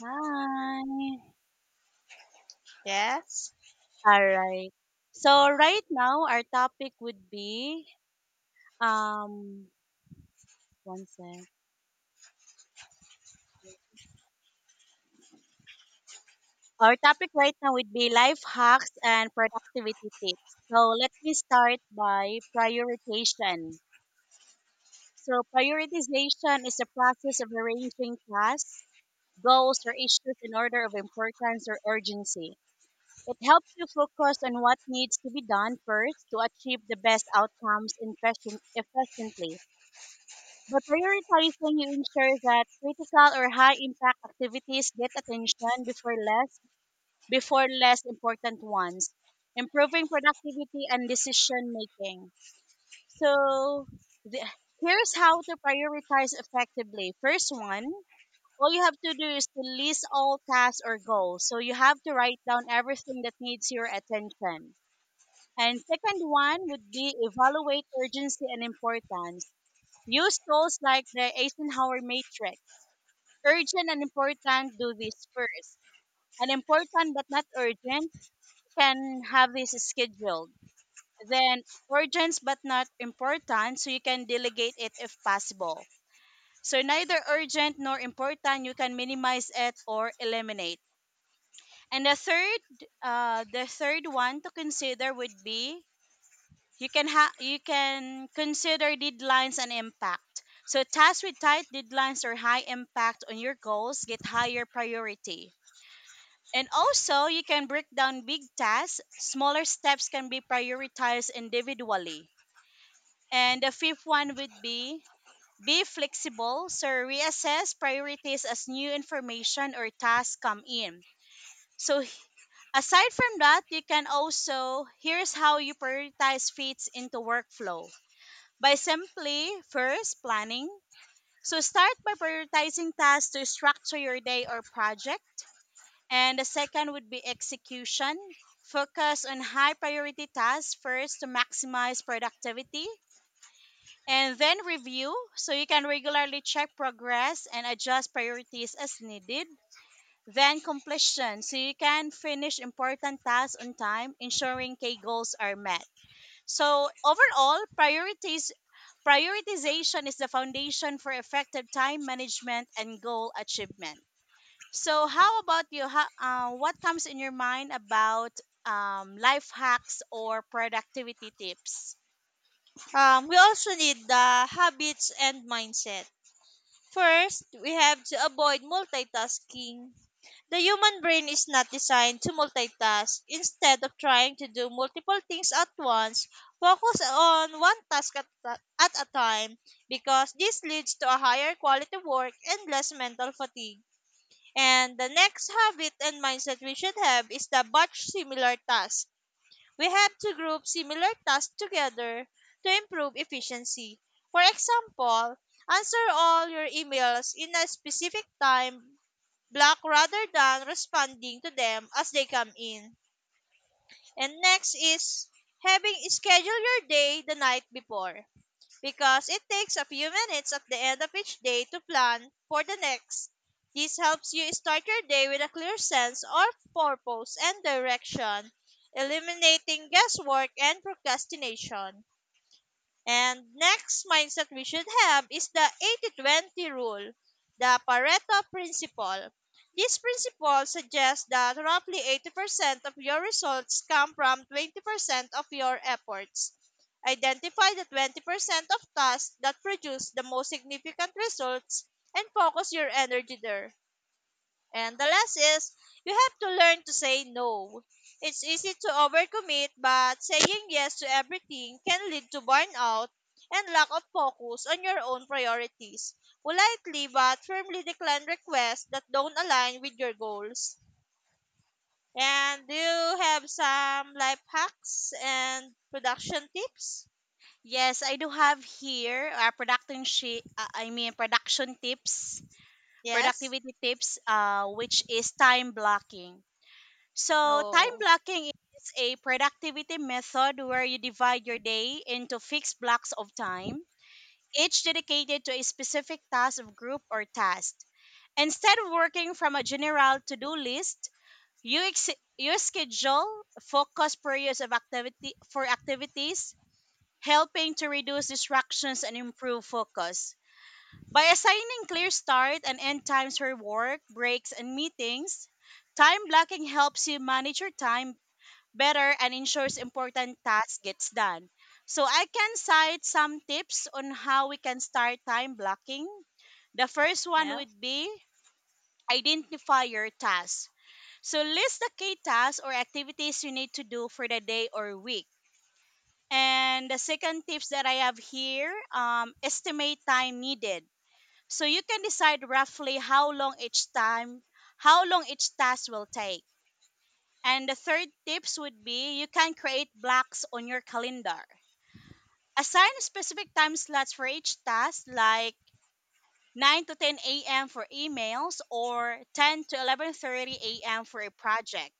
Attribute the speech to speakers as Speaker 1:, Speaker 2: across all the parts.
Speaker 1: Hi.
Speaker 2: Yes.
Speaker 1: All right. So right now our topic would be um one sec. Our topic right now would be life hacks and productivity tips. So let me start by prioritization. So prioritization is the process of arranging tasks, goals, or issues in order of importance or urgency. It helps you focus on what needs to be done first to achieve the best outcomes efficiently. By prioritizing, you ensure that critical or high impact activities get attention before less important ones, improving productivity and decision making. So the, Here's how to prioritize effectively. First one, all you have to do is to list all tasks or goals. So you have to write down everything that needs your attention. And second one would be evaluate urgency and importance. Use tools like the Eisenhower matrix. Urgent and important, do this first. And important but not urgent, you can have this scheduled. Then urgent but not important, so you can delegate it if possible. So neither urgent nor important, you can minimize it or eliminate. And the third one to consider would be, you can consider deadlines and impact. So tasks with tight deadlines or high impact on your goals get higher priority. And also, you can break down big tasks. Smaller steps can be prioritized individually. And the fifth one would be flexible. So reassess priorities as new information or tasks come in. So aside from that, you can also here's how you prioritize fits into workflow, by simply first planning. So start by prioritizing tasks to structure your day or project. And the second would be execution. Focus on high priority tasks first to maximize productivity. And then review so you can regularly check progress and adjust priorities as needed. Then completion so you can finish important tasks on time, ensuring key goals are met. So overall, priorities prioritization is the foundation for effective time management and goal achievement. So, how about you? What comes in your mind about life hacks or productivity tips?
Speaker 2: We also need the habits and mindset. First, we have to avoid multitasking. The human brain is not designed to multitask. Instead of trying to do multiple things at once, focus on one task at a time because this leads to a higher quality work and less mental fatigue. And the next habit and mindset we should have is the batch similar task. We have to group similar tasks together to improve efficiency. For example, answer all your emails in a specific time block rather than responding to them as they come in. And next is having schedule your day the night before because it takes a few minutes at the end of each day to plan for the next. This helps you start your day with a clear sense of purpose and direction, eliminating guesswork and procrastination. And next mindset we should have is the 80-20 rule, the Pareto principle. This principle suggests that roughly 80% of your results come from 20% of your efforts. Identify the 20% of tasks that produce the most significant results and focus your energy there. And the last is you have to learn to say no. It's easy to overcommit, but saying yes to everything can lead to burnout and lack of focus on your own priorities. Politely but firmly decline requests that don't align with your goals. And do you have some life hacks and production tips?
Speaker 1: Yes, I do have here production I mean production tips,
Speaker 2: Yes?
Speaker 1: productivity tips, which is time blocking. So time
Speaker 2: Oh,
Speaker 1: blocking is a productivity method where you divide your day into fixed blocks of time each dedicated to a specific task of group or task. Instead of working from a general to-do list, you, ex- you schedule focus periods of activity for activities, helping to reduce distractions and improve focus. By assigning clear start and end times for work, breaks, and meetings, time blocking helps you manage your time better and ensures important tasks gets done. So I can cite some tips on how we can start time blocking. The first one
Speaker 2: yeah.
Speaker 1: would be identify your tasks. So list the key tasks or activities you need to do for the day or week. And the second tips that I have here, estimate time needed. So you can decide roughly how long each task will take, and the third tips would be you can create blocks on your calendar. Assign specific time slots for each task like 9 to 10 a.m. for emails or 10 to 11:30 a.m. for a project.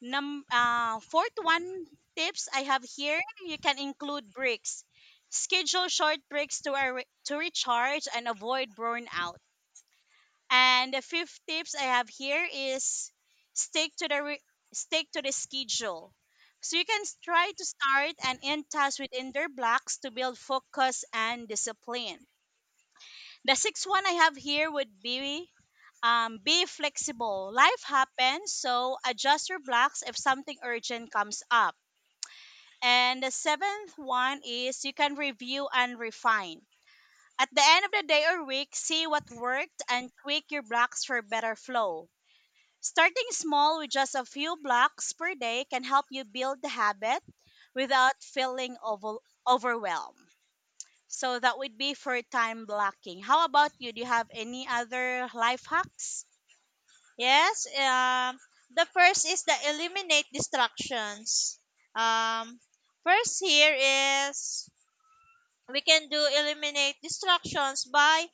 Speaker 1: Fourth one tips I have here, you can include breaks. Schedule short breaks to, to recharge and avoid burnout. And the fifth tips I have here is stick to the re- stick to the schedule. So you can try to start and end tasks within their blocks to build focus and discipline. The sixth one I have here would be flexible. Life happens, so adjust your blocks if something urgent comes up. And the seventh one is you can review and refine. At the end of the day or week, see what worked and tweak your blocks for better flow. Starting small with just a few blocks per day can help you build the habit without overwhelmed. So that would be for time blocking. How about you? Do you have any other life hacks?
Speaker 2: Yes, the first is the eliminate distractions. Um, first here is we can do eliminate distractions by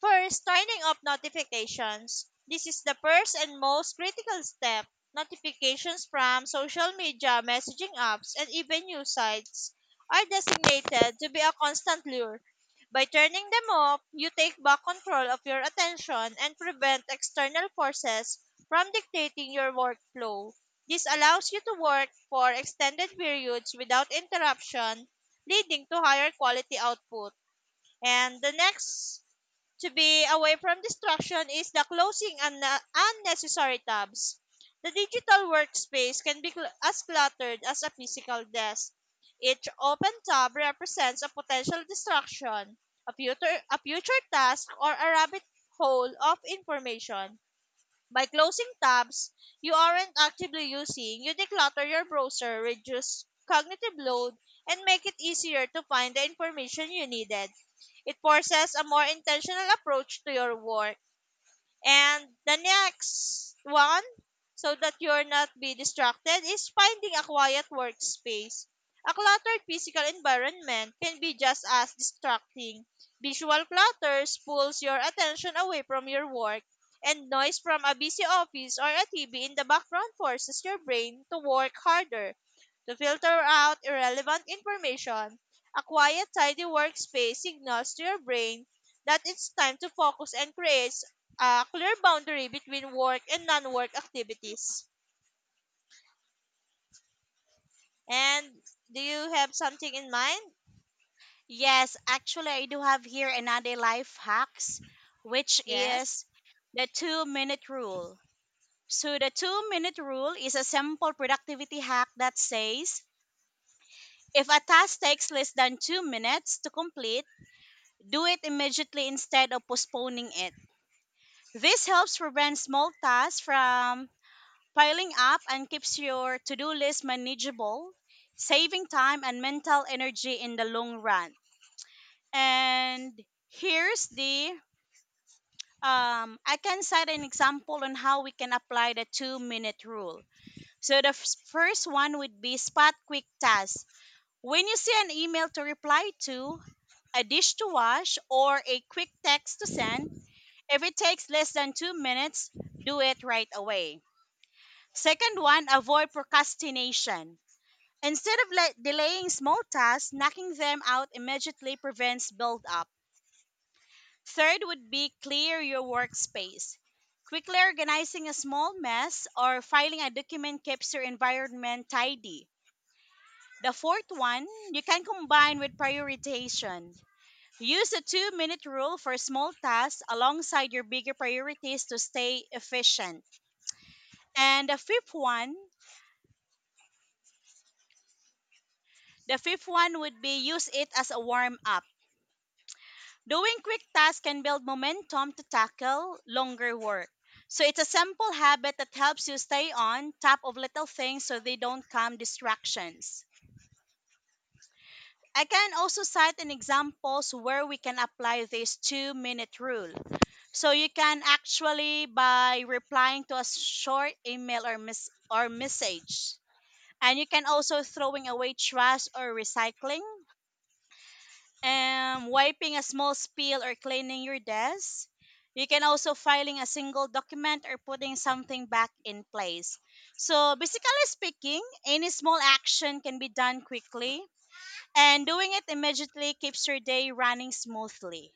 Speaker 2: first, turning off notifications. This is the first and most critical step. Notifications from social media, messaging apps, and even news sites are designated to be a constant lure. By turning them off, you take back control of your attention and prevent external forces from dictating your workflow. This allows you to work for extended periods without interruption, leading to higher quality output. And the next to be away from distraction is the closing unnecessary tabs. The digital workspace can be as cluttered as a physical desk. Each open tab represents a potential distraction, a future task, or a rabbit hole of information. By closing tabs you aren't actively using, you declutter your browser, reduce cognitive load, and make it easier to find the information you needed. It forces a more intentional approach to your work. And the next one, so that you're not be distracted, is finding a quiet workspace. A cluttered physical environment can be just as distracting. Visual clutter pulls your attention away from your work, and noise from a busy office or a TV in the background forces your brain to work harder to filter out irrelevant information. A quiet, tidy workspace signals to your brain that it's time to focus and create a clear boundary between work and non-work activities. And do you have something in mind?
Speaker 1: Yes, actually, I do have here another life hacks, which
Speaker 2: Yes.
Speaker 1: is the 2 minute rule. So, the 2 minute rule is a simple productivity hack that says if a task takes less than 2 minutes to complete, do it immediately instead of postponing it. This helps prevent small tasks from piling up and keeps your to do list manageable, saving time and mental energy in the long run. And here's the I can set an example on how we can apply the 2 minute rule. So the first one would be spot quick tasks. When you see an email to reply to, a dish to wash, or a quick text to send, if it takes less than 2 minutes, do it right away. Second one, avoid procrastination. Instead of delaying small tasks, knocking them out immediately prevents build-up. Third would be clear your workspace. Quickly organizing a small mess or filing a document keeps your environment tidy. The fourth one, you can combine with prioritization. Use the 2 minute rule for small tasks alongside your bigger priorities to stay efficient. And the fifth one would be use it as a warm up. Doing quick tasks can build momentum to tackle longer work. So it's a simple habit that helps you stay on top of little things so they don't come distractions. I can also cite an examples where we can apply this 2 minute rule. So you can actually by replying to a short email or message. And you can also throwing away trash or recycling wiping a small spill or cleaning your desk. You can also filing a single document or putting something back in place. So basically speaking, any small action can be done quickly and doing it immediately keeps your day running smoothly.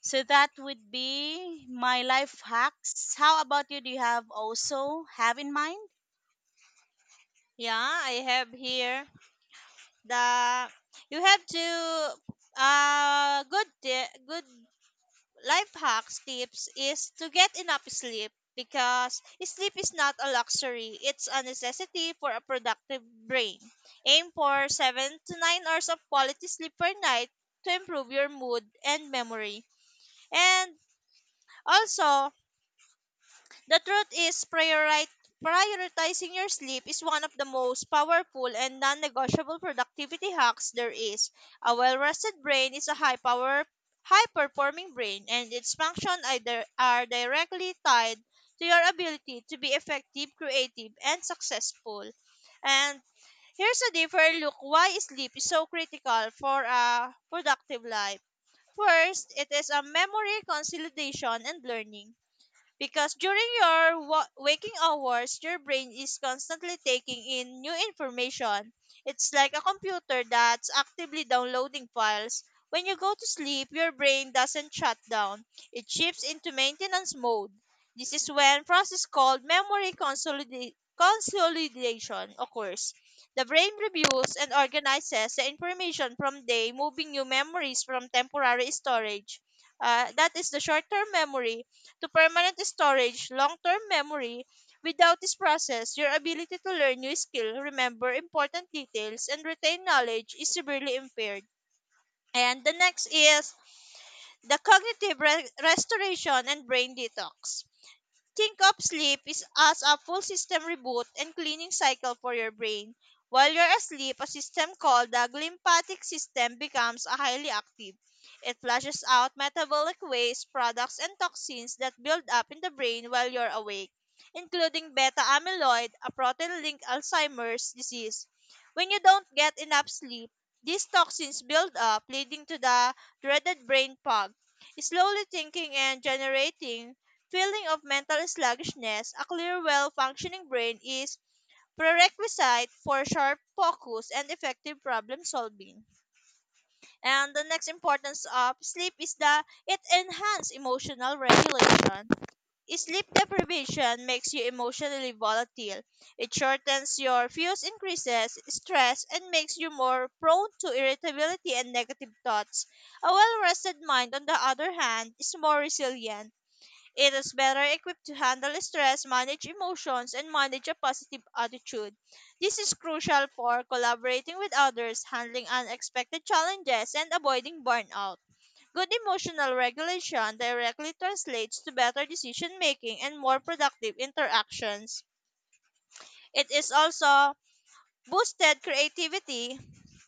Speaker 1: So that would be my life hacks. How about you? Do you have also have in mind?
Speaker 2: Yeah, I have here the you have to good good life hacks tips is to get enough sleep, because sleep is not a luxury, it's a necessity for a productive brain. Aim for 7 to 9 hours of quality sleep per night to improve your mood and memory. And also, the truth is, prioritizing your sleep is one of the most powerful and non negotiable productivity hacks there is. A well rested brain is a high power, high performing brain, and its function either are directly tied to your ability to be effective, creative, and successful. And here's a deeper look why sleep is so critical for a productive life. First, it is a memory consolidation and learning because during your waking hours, your brain is constantly taking in new information. It's like a computer that's actively downloading files. When you go to sleep, your brain doesn't shut down. It shifts into maintenance mode. This is when process called memory consolidation occurs. The brain reviews and organizes the information from day, moving new memories from temporary storage. That is the short-term memory to permanent storage, long-term memory. Without this process, your ability to learn new skill, remember important details, and retain knowledge is severely impaired. And the next is the cognitive restoration and brain detox. Think of sleep is as a full system reboot and cleaning cycle for your brain. While you're asleep, a system called the glymphatic system becomes a highly active. It flushes out metabolic waste, products, and toxins that build up in the brain while you're awake, including beta amyloid, a protein linked Alzheimer's disease. When you don't get enough sleep, these toxins build up, leading to the dreaded brain fog. Slowly thinking and generating feeling of mental sluggishness, a clear, well functioning brain is prerequisite for sharp focus and effective problem solving. And the next importance of sleep is that it enhances emotional regulation. Sleep deprivation makes you emotionally volatile. It shortens your fuse, increases stress, and makes you more prone to irritability and negative thoughts. A well rested mind, on the other hand, is more resilient, it is better equipped to handle stress, manage emotions, and manage a positive attitude. This is crucial for collaborating with others, handling unexpected challenges, and avoiding burnout. Good emotional regulation directly translates to better decision making and more productive interactions. It is also boosted creativity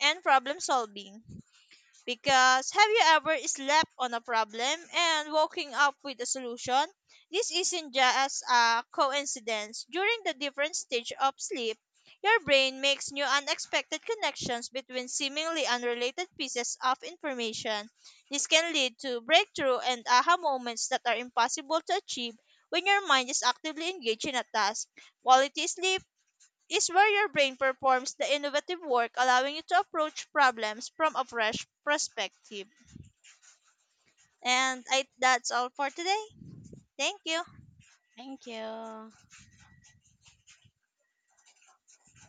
Speaker 2: and problem solving. Because have you ever slept on a problem and woken up with a solution? This isn't just a coincidence. During the different stage of sleep, your brain makes new unexpected connections between seemingly unrelated pieces of information. This can lead to breakthrough and aha moments that are impossible to achieve when your mind is actively engaged in a task. Quality sleep is where your brain performs the innovative work, allowing you to approach problems from a fresh perspective. And I, that's all for today. Thank you.
Speaker 1: Thank you.